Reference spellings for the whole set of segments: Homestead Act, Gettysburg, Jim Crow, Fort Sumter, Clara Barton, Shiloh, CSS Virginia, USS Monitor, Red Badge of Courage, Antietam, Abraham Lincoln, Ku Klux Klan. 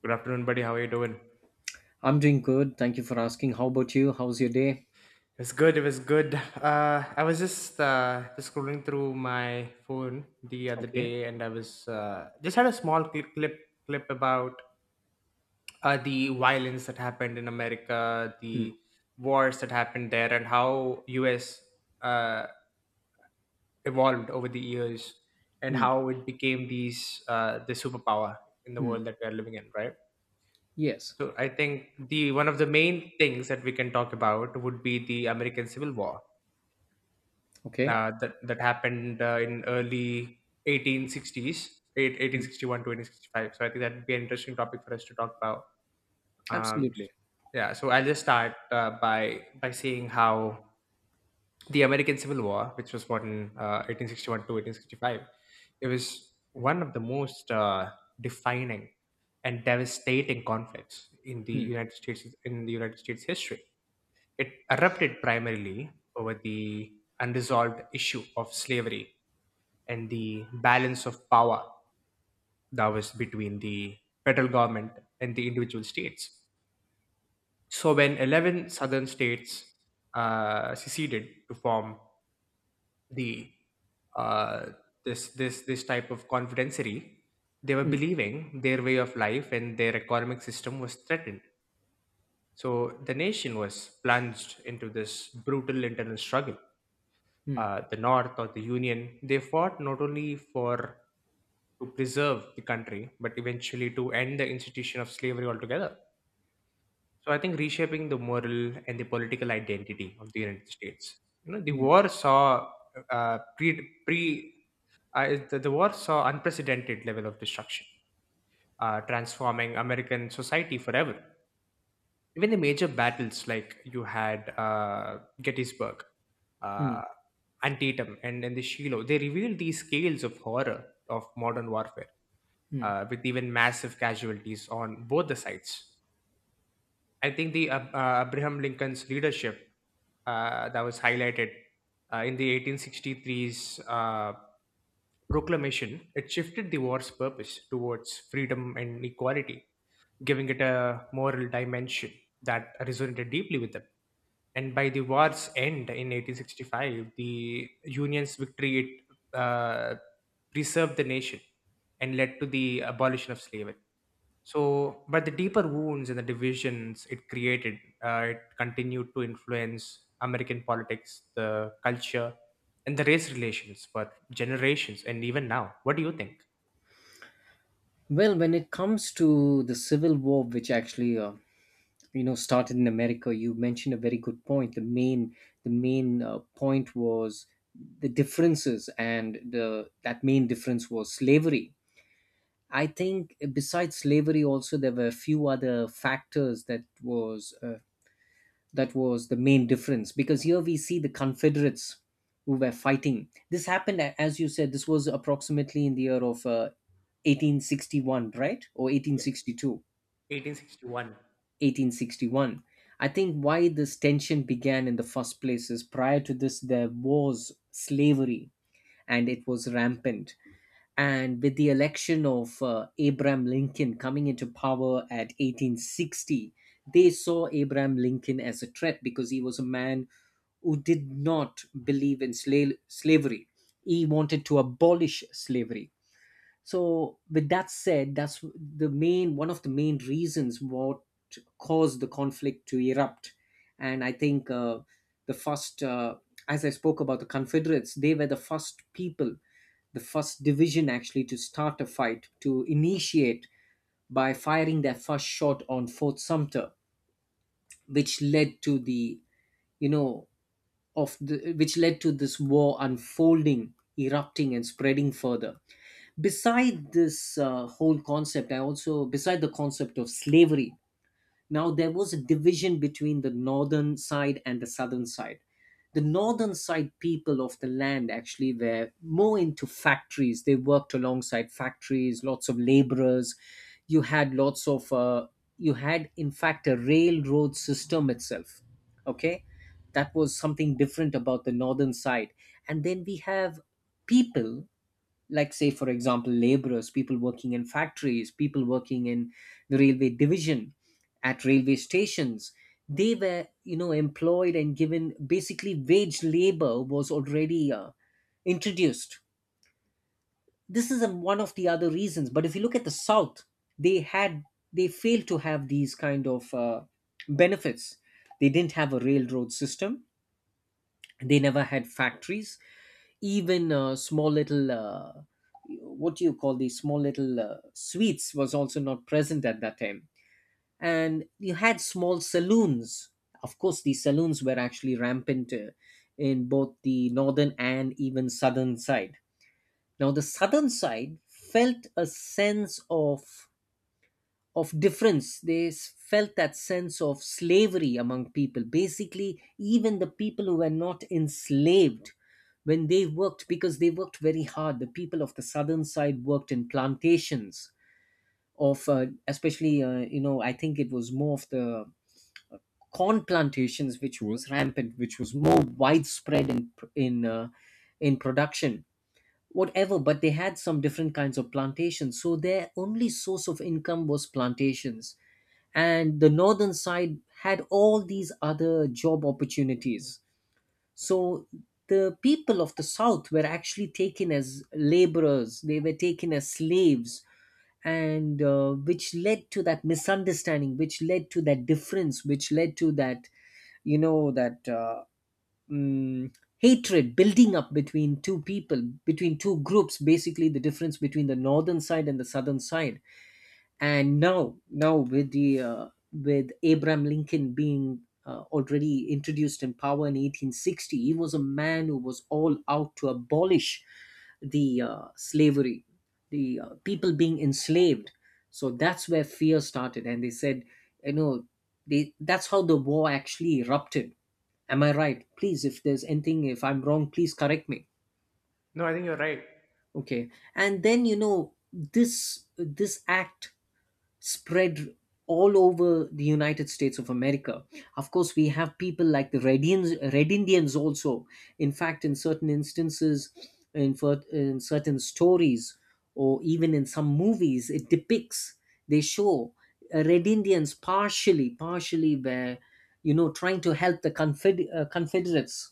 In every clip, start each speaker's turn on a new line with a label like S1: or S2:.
S1: Good afternoon, buddy. How are you doing?
S2: I'm doing good. Thank you for asking. How about you? How's your day?
S1: It was good. It was good. I was just scrolling through my phone the other
S2: Okay.
S1: day, and I was just had a small clip about the violence that happened in America,
S2: Mm,
S1: the wars that happened there, and how U.S. Uh, evolved over the years, and
S2: mm,
S1: how it became the superpower in the
S2: mm.
S1: world that we are living in, right?
S2: Yes.
S1: So I think the one of the main things that we can talk about would be the American Civil War
S2: Okay.
S1: that happened in early 1860s,
S2: Mm.
S1: 1861 to 1865. So I think that would be an interesting topic for us to talk about. Um,
S2: Absolutely.
S1: yeah, so I'll just start by saying how the American Civil War, which was fought in 1861 to 1865, it was one of the most defining and devastating conflicts in the
S2: Mm,
S1: United States history. It erupted primarily over the unresolved issue of slavery and the balance of power that was between the federal government and the individual states. So when 11 southern states seceded to form the uh, this this this type of confederacy, they were
S2: mm,
S1: believing their way of life and their economic system was threatened. So the nation was plunged into this brutal internal struggle.
S2: mm,
S1: The North or the Union, they fought not only for to preserve the country, but eventually to end the institution of slavery altogether. So I think reshaping the moral and the political identity of the United States. You know, the
S2: mm,
S1: war saw uh, pre pre the war saw unprecedented level of destruction, transforming American society forever. Even the major battles like you had Gettysburg, uh,
S2: mm,
S1: Antietam, and the Shiloh, they revealed these scales of horror of modern warfare
S2: mm.
S1: with even massive casualties on both the sides. I think Abraham Lincoln's leadership that was highlighted in the 1863's proclamation it shifted the war's purpose towards freedom and equality, giving it a moral dimension that resonated deeply with them. And by the war's end in 1865, the Union's victory it preserved the nation and led to the abolition of slavery so, but the deeper wounds and the divisions it created, it continued to influence American politics, the culture, and the race relations for generations and even now. What do you think?
S2: Well, when it comes to the civil war, which actually started in America, you mentioned a very good point. The main point was the differences, and the that main difference was slavery. I think besides slavery, also there were a few other factors that was the main difference, because here we see the confederates who were fighting. This happened, as you said, this was approximately in the year of 1861, right? Or eighteen
S1: Yeah,
S2: sixty-two,
S1: 1861.
S2: 1861. I think why this tension began in the first place is, prior to this there was slavery and it was rampant. And with the election of Abraham Lincoln coming into power at 1860, they saw Abraham Lincoln as a threat, because he was a man who did not believe in slavery. He wanted to abolish slavery. So, with that said, that's the main one of the main reasons what caused the conflict to erupt. And I think the first, as I spoke about the Confederates, they were the first people, the first division actually to start a fight, to initiate by firing their first shot on Fort Sumter, which led to the, you know, of the, which led to this war unfolding, erupting, and spreading further. Beside this whole concept, I also, beside the concept of slavery, now, there was a division between the northern side and the southern side. The northern side people of the land actually were more into factories. They worked alongside factories, lots of laborers. You had lots of, you had in fact a railroad system itself. Okay. That was something different about the northern side. And then we have people, like say for example laborers, people working in factories, people working in the railway division, at railway stations, they were, you know, employed, and given basically wage labor was already introduced. This is a, one of the other reasons. But if you look at the south, they had, they failed to have these kind of benefits. They didn't have a railroad system, they never had factories, even small little what do you call these small little suites was also not present at that time. And you had small saloons. Of course, these saloons were actually rampant in both the northern and even southern side. Now the southern side felt a sense of difference. They felt that sense of slavery among people. Basically, even the people who were not enslaved, when they worked, because they worked very hard, the people of the southern side worked in plantations of, especially, you know, I think it was more of the corn plantations, which was rampant, which was more widespread in in production, whatever. But they had some different kinds of plantations, so their only source of income was plantations, and the northern side had all these other job opportunities. So the people of the south were actually taken as laborers, they were taken as slaves. And which led to that misunderstanding, which led to that difference, which led to that, you know, that mm, hatred building up between two people, between two groups, basically the difference between the northern side and the southern side. And now with the with Abraham Lincoln being already introduced in power in 1860, he was a man who was all out to abolish the slavery, the people being enslaved. So that's where fear started, and they said, you know, that's how the war actually erupted. Am I right? Please, if there's anything, if I'm wrong, please correct me.
S1: No, I think you're right.
S2: Okay. And then, you know, this act spread all over the United States of America. Of course, we have people like the Red, Indians- Red Indians also. In fact, in certain instances, in, in certain stories, or even in some movies, it depicts, they show Red Indians partially, partially where, you know, trying to help the Confederates.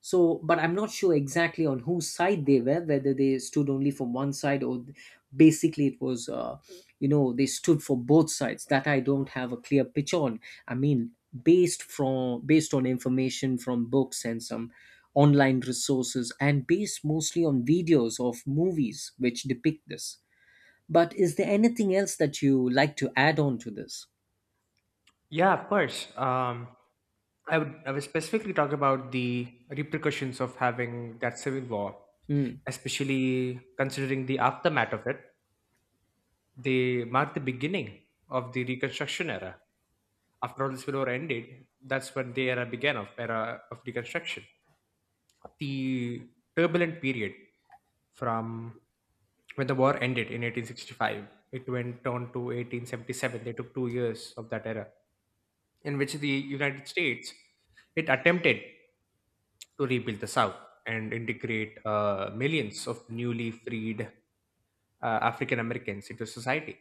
S2: So, but I'm not sure exactly on whose side they were, whether they stood only for one side, or basically it was, you know, they stood for both sides. That I don't have a clear picture on. I mean, based on information from books and some online resources, and based mostly on videos of movies which depict this. But is there anything else that you like to add on to this?
S1: Yeah, of course. I would I would specifically talk about the repercussions of having that civil war,
S2: mm,
S1: especially considering the aftermath of it. They marked the beginning of the Reconstruction era. After all this war ended, that's when the era began of era of deconstruction. The turbulent period from when the war ended in 1865, it went on to 1877. They took 2 years of that era, in which the United States it attempted to rebuild the South and integrate millions of newly freed African Americans into society.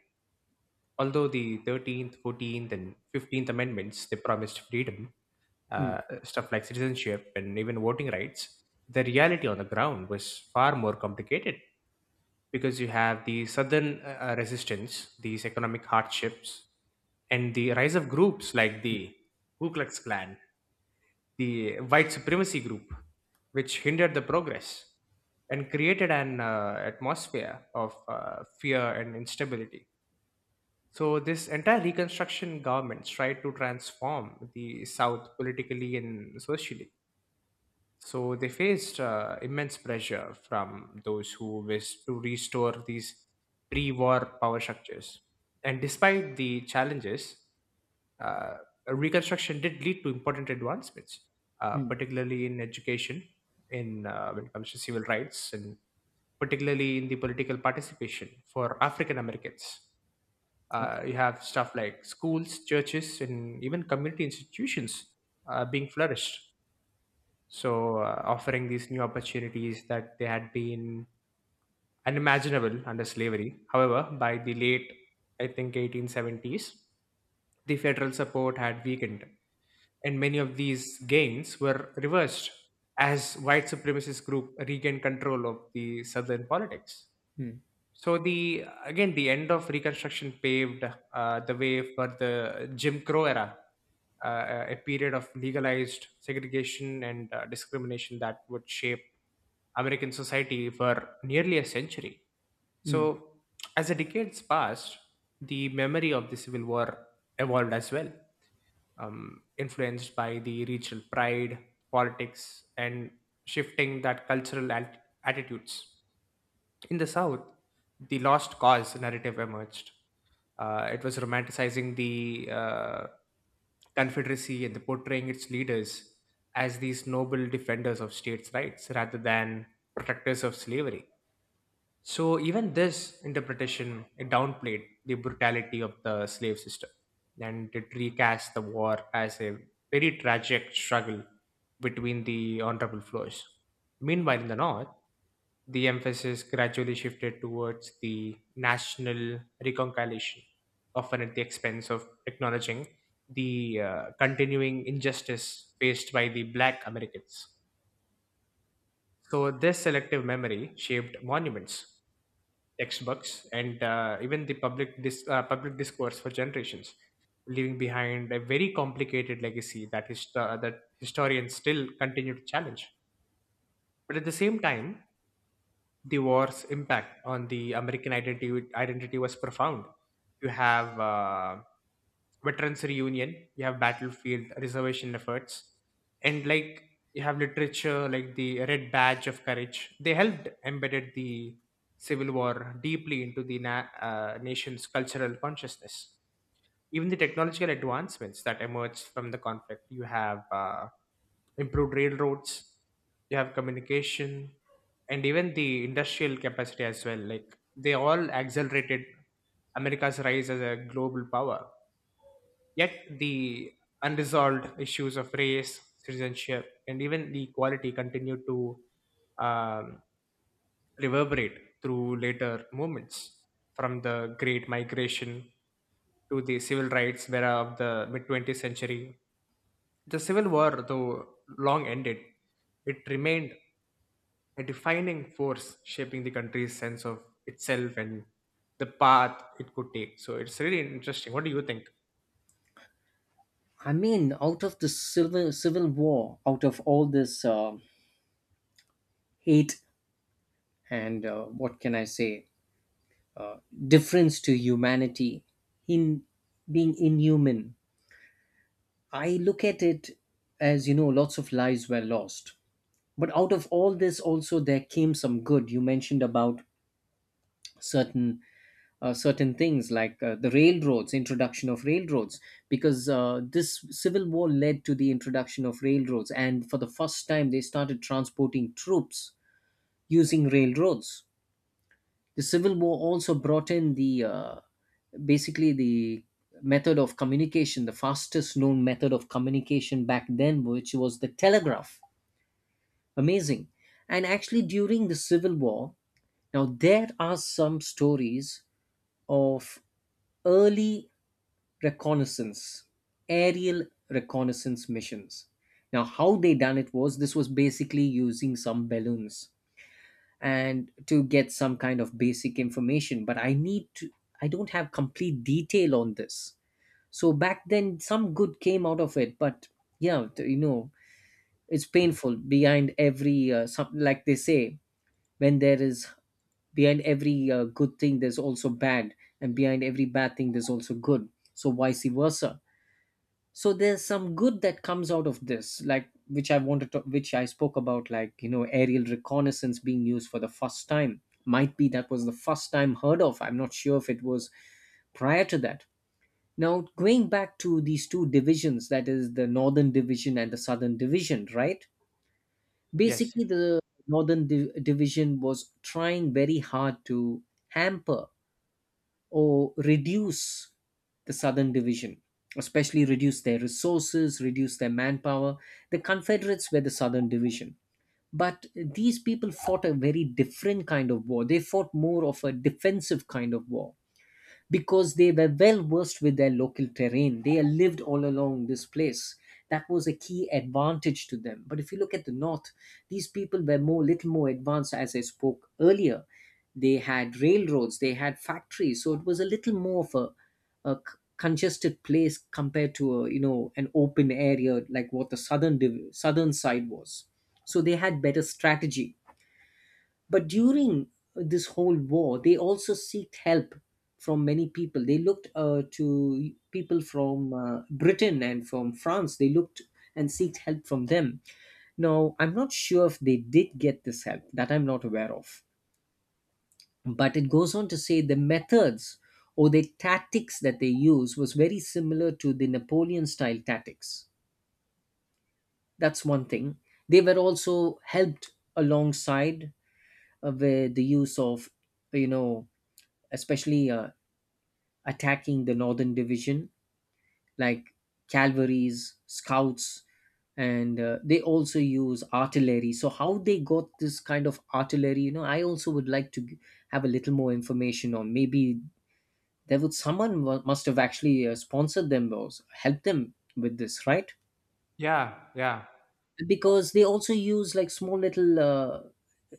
S1: Although the 13th, 14th, and 15th Amendments they promised freedom,
S2: mm,
S1: stuff like citizenship and even voting rights, the reality on the ground was far more complicated because you have the southern resistance, these economic hardships, and the rise of groups like the Ku Klux Klan, the white supremacy group, which hindered the progress and created an atmosphere of fear and instability. So this entire Reconstruction governments tried to transform the South politically and socially. So they faced immense pressure from those who wished to restore these pre-war power structures. And despite the challenges, uh, Reconstruction did lead to important advancements,
S2: mm.
S1: particularly in education, in when it comes to civil rights, and particularly in the political participation for African Americans.
S2: Okay.
S1: You have stuff like schools, churches, and even community institutions being flourished. So, offering these new opportunities that they had been unimaginable under slavery. However, by the late, I think, 1870s, the federal support had weakened, and many of these gains were reversed as white supremacist group regained control of the southern politics.
S2: mm,
S1: So the again the end of Reconstruction paved the way for the Jim Crow era, a period of legalized segregation and discrimination that would shape American society for nearly a century.
S2: mm.
S1: So as the decades passed, the memory of the Civil War evolved as well, influenced by the regional pride, politics, and shifting that cultural attitudes. In the South, the lost cause narrative emerged. It was romanticizing the Confederacy and the portraying its leaders as these noble defenders of states' rights rather than protectors of slavery. So even this interpretation it downplayed the brutality of the slave system, and it recast the war as a very tragic struggle between the honorable floors. Meanwhile, in the North, the emphasis gradually shifted towards the national reconciliation, often at the expense of acknowledging the continuing injustice faced by the Black Americans. So, this selective memory shaped monuments, textbooks, and even the public discourse for generations, leaving behind a very complicated legacy that, that historians still continue to challenge. But at the same time, the war's impact on the American identity was profound. You have veterans reunion, you have battlefield reservation efforts, and like you have literature like the Red Badge of Courage. They helped embedded the Civil War deeply into the nation's cultural consciousness. Even the technological advancements that emerged from the conflict, you have. Improved railroads you have communication and even the industrial capacity as well like they all accelerated america's rise as a global power yet the unresolved issues of race citizenship and even the equality continue to um, reverberate through later movements from the great migration to the civil rights era of the mid 20th century. The Civil War, though long ended, it remained a defining force shaping the country's sense of itself and the path it could take. So it's really interesting. What do you think?
S2: I mean, out of the civil war, out of all this hate and what can I say, difference to humanity, in being inhuman, I look at it as, you know, lots of lives were lost. But out of all this, also there came some good. You mentioned about certain certain things like the railroads, introduction of railroads, because this civil war led to the introduction of railroads, and for the first time they started transporting troops using railroads. The Civil War also brought in the basically the method of communication, the fastest known method of communication back then, which was the telegraph. Amazing. And actually, during the Civil War, now there are some stories of early reconnaissance, aerial reconnaissance missions. Now, how they done it was, this was basically using some balloons and to get some kind of basic information. But I need to, I don't have complete detail on this. So back then some good came out of it. But yeah, you know, it's painful. Behind every some, like they say, when there is, behind every good thing there's also bad, and behind every bad thing there's also good. So, vice versa. So there's some good that comes out of this, like which I wanted to, which I spoke about, like, you know, aerial reconnaissance being used for the first time, might be that was the first time heard of. I'm not sure if it was prior to that. Now going back to these two divisions, that is the northern division and the southern division, right?
S1: Yes.
S2: Basically the division was trying very hard to hamper or reduce the Southern Division, especially reduce their resources, reduce their manpower. The Confederates were the Southern Division. But these people fought a very different kind of war. They fought more of a defensive kind of war, because they were well versed with their local terrain. They lived all along this place. That was a key advantage to them. But if you look at the north, these people were more, little more advanced, as I spoke earlier. They had railroads, they had factories, so it was a little more of a congested place compared to a, you know, an open area like what the southern side was. So they had better strategy, but during this whole war, they also seeked help from many people. They looked to people from Britain and from France. They looked and seeked help from them. Now, I'm not sure if they did get this help, that I'm not aware of. But it goes on to say the methods or the tactics that they use was very similar to the Napoleon style tactics. That's one thing. They were also helped alongside with the use of, you know, especially attacking the northern division, like cavalries, scouts, and they also use artillery. So how they got this kind of artillery, you know, I also would like to have a little more information on. Maybe there would someone must have actually sponsored them or helped them with this, right?
S1: Yeah, yeah.
S2: Because they also use like small little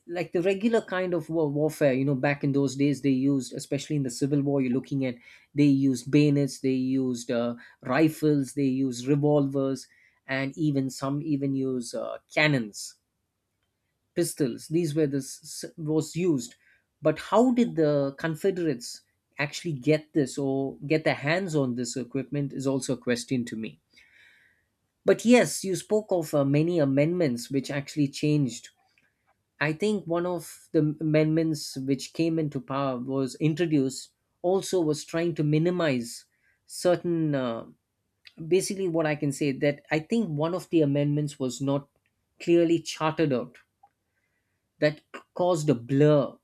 S2: like the regular kind of war, warfare, you know, back in those days, they used, especially in the civil war you're looking at, they used bayonets, they used rifles, they used revolvers, and even some even use cannons, pistols. These were the was used. But how did the confederates actually get this or get their hands on this equipment is also a question to me. But yes, you spoke of many amendments which actually changed. I think one of the amendments which came into power was introduced, also was trying to minimize certain basically what I can say that, I think one of the amendments was not clearly charted out, that caused a blur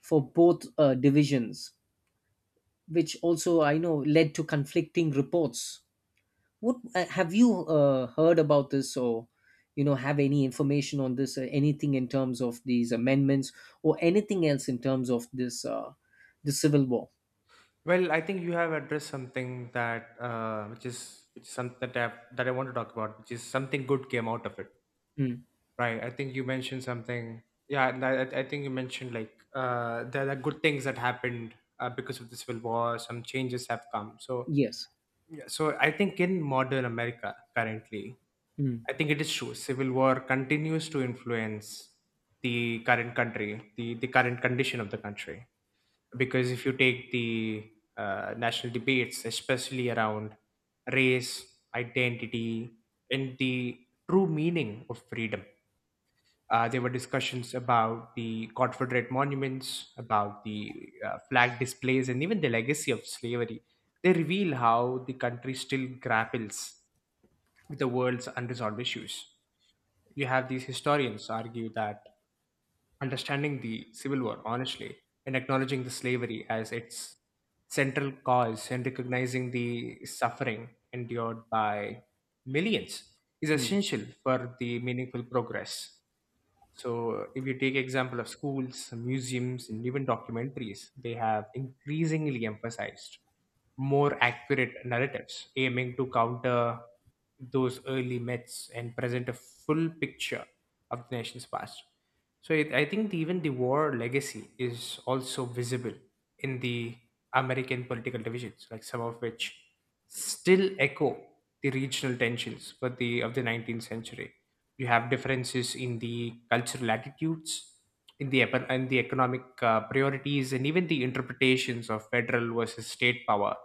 S2: for both divisions, which also I know led to conflicting reports. What have you heard about this, or you know, have any information on this, or anything in terms of these amendments, or anything else in terms of this the civil war?
S1: Well, I think you have addressed something that which is something that I want to talk about, which is something good came out of it,
S2: Mm.
S1: right? I think you mentioned something. Yeah, and I think you mentioned like there are good things that happened because of the civil war. Some changes have come. So
S2: Yes.
S1: yeah, so I think in modern America currently,
S2: Mm.
S1: I think it is true. Civil war continues to influence the current country, the current condition of the country. Because if you take the national debates, especially around race, identity, and the true meaning of freedom, there were discussions about the Confederate monuments, about the flag displays, and even the legacy of slavery. They reveal how the country still grapples with the world's unresolved issues. You have these historians argue that understanding the Civil War honestly and acknowledging the slavery as its central cause and recognizing the suffering endured by millions is
S2: Mm.
S1: essential for the meaningful progress. So if you take example of schools, museums, and even documentaries, they have increasingly emphasized more accurate narratives, aiming to counter those early myths and present a full picture of the nation's past. So it, I think even the war legacy is also visible in the American political divisions, like some of which still echo the regional tensions for the of the 19th century. You have differences in the cultural attitudes in the economic priorities and even the interpretations of federal versus state power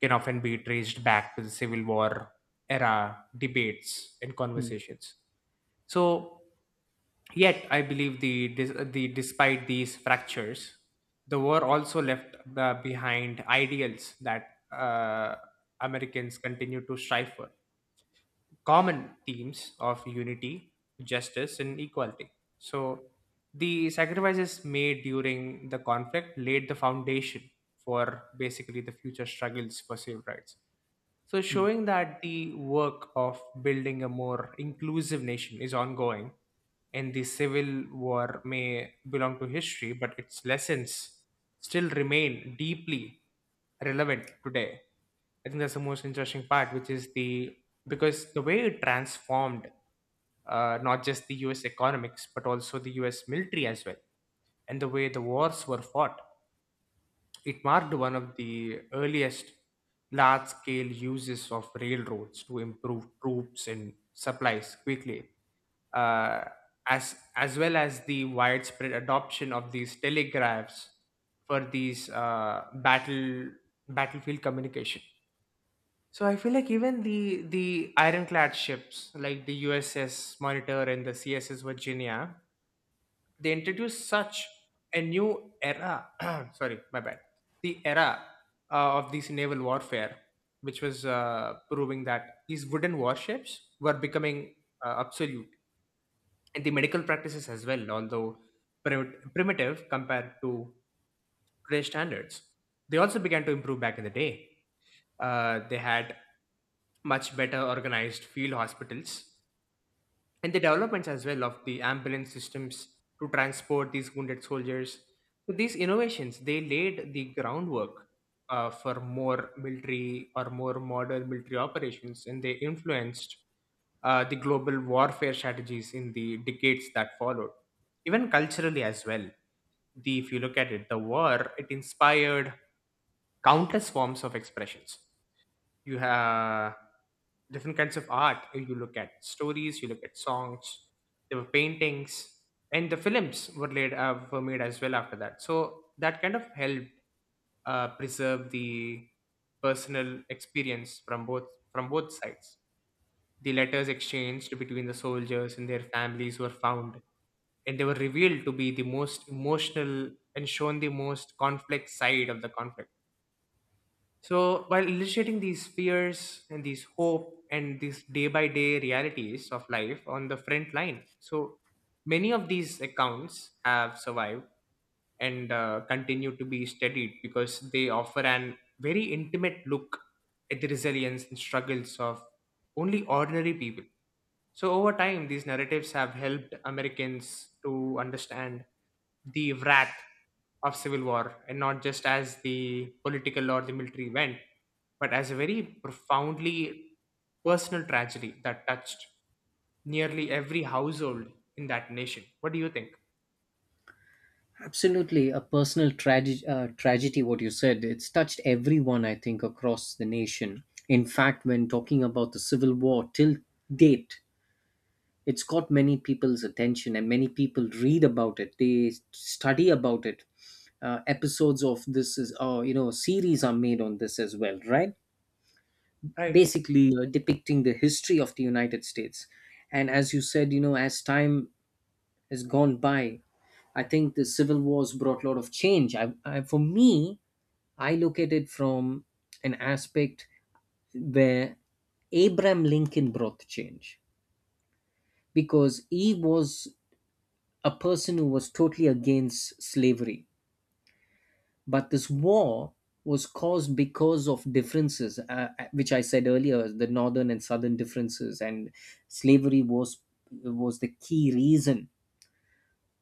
S1: can often be traced back to the civil war era debates and
S2: Mm.
S1: conversations. So yet I believe the despite these fractures the war also left behind ideals that uh, americans continue to strive for common themes of unity, justice, and equality. So, the sacrifices made during the conflict laid the foundation for basically the future struggles for civil rights. So,
S2: Mm.
S1: showing that the work of building a more inclusive nation is ongoing, and the civil war may belong to history, but its lessons still remain deeply relevant today. I think that's the most interesting part, which is the because the way it transformed not just the US economics, but also the US military as well, and the way the wars were fought. It marked one of the earliest large scale uses of railroads to improve troops and supplies quickly, uh, as well as the widespread adoption of these telegraphs for these battlefield communication. So I feel like even the ironclad ships like the USS Monitor and the CSS Virginia they introduced such a new era sorry my bad the era of these naval warfare, which was proving that these wooden warships were becoming obsolete. And the medical practices as well, although primitive compared to today's standards, they also began to improve back in the day. They had much better organized field hospitals, and the developments as well of the ambulance systems to transport these wounded soldiers. So these innovations they laid the groundwork for more military, or more modern military operations, and they influenced the global warfare strategies in the decades that followed. Even culturally as well, the if you look at it, the war it inspired countless forms of expressions. You have different kinds of art, you look at stories, you look at songs, there were paintings, and the films were laid were made as well after that. So that kind of helped preserve the personal experience from both sides. The letters exchanged between the soldiers and their families were found, and they were revealed to be the most emotional and shown the most complex side of the conflict, so, while illustrating these fears and these hope and these day by day realities of life on the front line. So many of these accounts have survived and continue to be studied because they offer an very intimate look at the resilience and struggles of only ordinary people. So, over time, these narratives have helped Americans to understand the wrath of civil war, and not just as the political or the military event, but as a very profoundly personal tragedy that touched nearly every household in that nation. What do you think?
S2: Absolutely, a personal tragedy. Tragedy. What you said, it's touched everyone, I think, across the nation. In fact, when talking about the civil war, till date, it's got many people's attention and many people read about it, they study about it, episodes of this is you know series are made on this as well, right?
S1: Right.
S2: Basically depicting the history of the united states. And as you said, as time has gone by, I think the civil wars brought a lot of change. For me I look at it from an aspect where abraham lincoln brought the change, because he was a person who was totally against slavery. But this war was caused because of differences, which I said earlier, the northern and southern differences, and slavery was the key reason.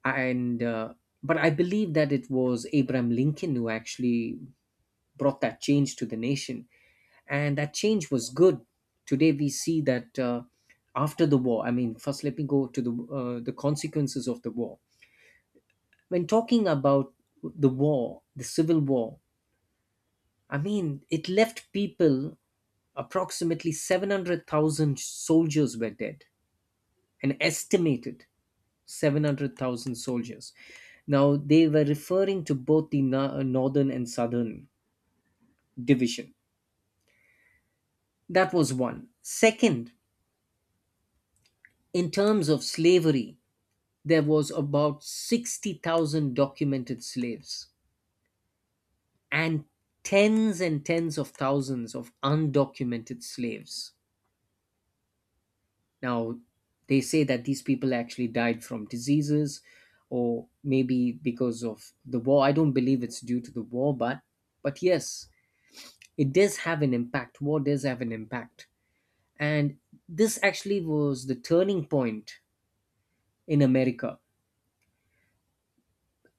S2: And but I believe that it was Abraham Lincoln who actually brought that change to the nation, and that change was good. Today we see that, after the war, I mean, first let me go to the the consequences of the war. When talking about the war, the civil war, I mean, it left people, approximately 700,000 soldiers were dead, an estimated 700,000 soldiers. Now, they were referring to both the northern and southern division. That was one. Second, in terms of slavery, there was about 60,000 documented slaves and and tens of thousands of undocumented slaves. Now, they say that these people actually died from diseases or maybe because of the war. I don't believe it's due to the war, but yes, it does have an impact. War does have an impact. And this actually was the turning point in America.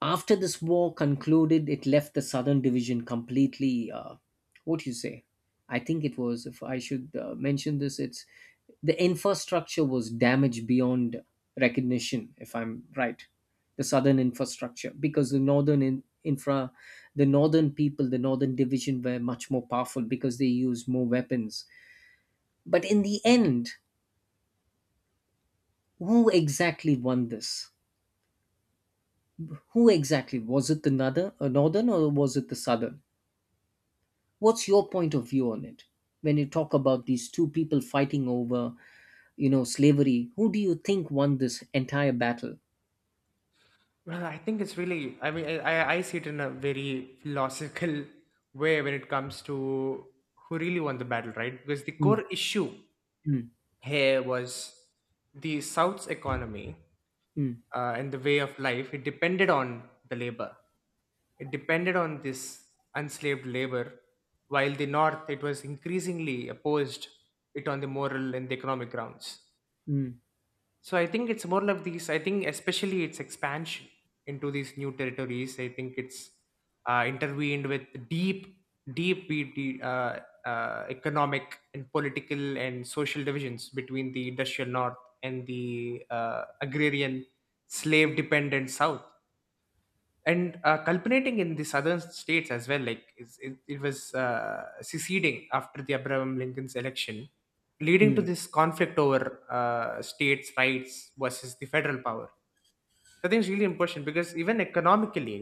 S2: After this war concluded, it left the Southern Division completely. What you say? I think it was, if I should mention this, it's the infrastructure was damaged beyond recognition, if I'm right. The southern infrastructure, because the the northern people, the northern division were much more powerful because they used more weapons. But in the end, who exactly won this? Who exactly was it, the northern, or was it the southern? What's your point of view on it? When you talk about these two people fighting over, you know, slavery, who do you think won this entire battle?
S1: Well, I think it's really, I see it in a very philosophical way when it comes to who really won the battle, right? Because the
S2: Mm,
S1: core issue
S2: mm,
S1: here was the South's economy
S2: mm,
S1: and the way of life. It depended on the labor. It depended on this enslaved labor, while the North, it was increasingly opposed it on the moral and the economic grounds.
S2: mm,
S1: So I think it's more like these. I think especially its expansion into these new territories. I think it's intervened with deep, deep, deep economic and political and social divisions between the industrial north and the agrarian, slave-dependent south, and culminating in the southern states as well, like it was seceding after the Abraham Lincoln's election, leading to
S2: mm,
S1: this conflict over states rights versus the federal power. So I think it's really important because, even economically,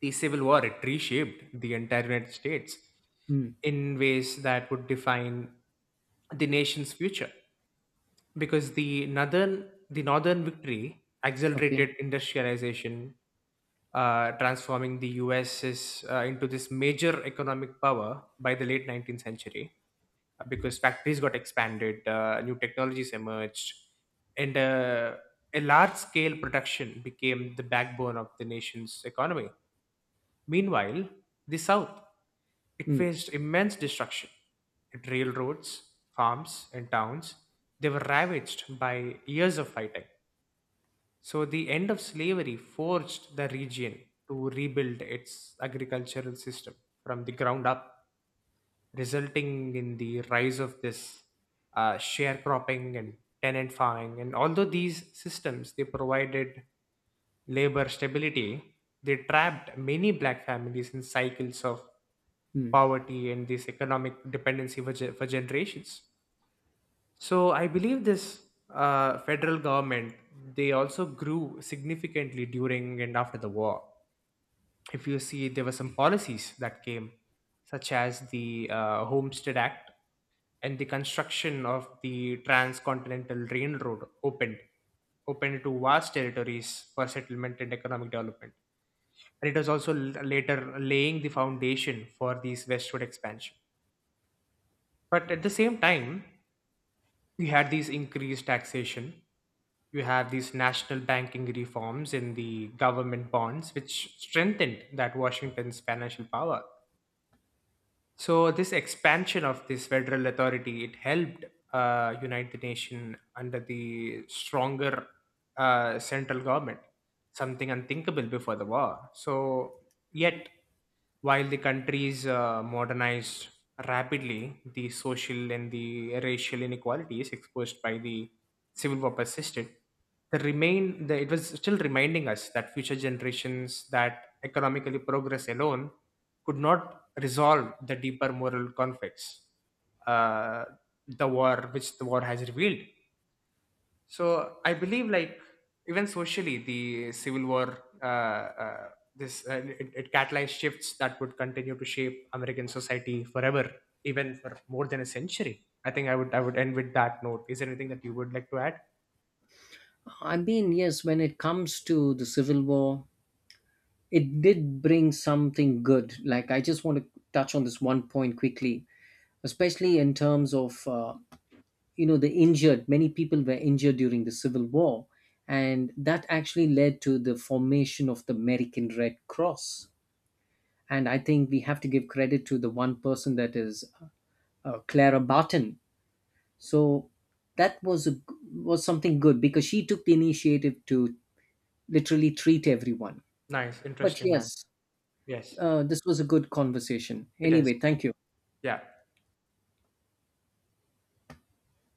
S1: the civil war it reshaped the entire United States
S2: mm.
S1: in ways that would define the nation's future, because northern the northern victory
S2: Okay.
S1: accelerated industrialization, transforming the U.S. Into this major economic power by the late 19th century, because factories got expanded, new technologies emerged, and a large scale production became the backbone of the nation's economy. Meanwhile, the South it
S2: Mm,
S1: faced immense destruction. It railroads, farms, and towns they were ravaged by years of fighting. So, the end of slavery forced the region to rebuild its agricultural system from the ground up, resulting in the rise of this sharecropping and tenant farming. And although these systems they provided labor stability, they trapped many black families in cycles of
S2: mm.
S1: poverty and this economic dependency for generations. So I believe this federal government they also grew significantly during and after the war. If you see, there were some policies that came, such as the Homestead Act, and the construction of the transcontinental railroad opened to vast territories for settlement and economic development. And it was also later laying the foundation for this westward expansion. But at the same time, we had these increased taxation, you have these national banking reforms in the government bonds, which strengthened that Washington's financial power. So this expansion of this federal authority it helped unite the nation under the stronger central government, something unthinkable before the war. So yet, while the countries modernized rapidly, the social and the racial inequalities exposed by the civil war persisted. It was still reminding us that future generations that economically progress alone could not resolve the deeper moral conflicts uh, the war has revealed. So I believe, like, even socially, the civil war uh, this it, it catalyzed shifts that would continue to shape American society forever, even for more than a century. I think I would end with that note. Is there anything that you would like to add?
S2: I mean, yes, when it comes to the Civil War, it did bring something good. Like, I just want to touch on this one point quickly, especially in terms of, you know, the injured, many people were injured during the civil war, and that actually led to the formation of the american red cross. And I think we have to give credit to the one person, that is clara barton. So that was was something good, because she took the initiative to literally treat everyone.
S1: Nice.
S2: But
S1: Interesting, man.
S2: yes,
S1: Yes.
S2: this was a good conversation
S1: It is.
S2: anyway, thank you.
S1: Yeah.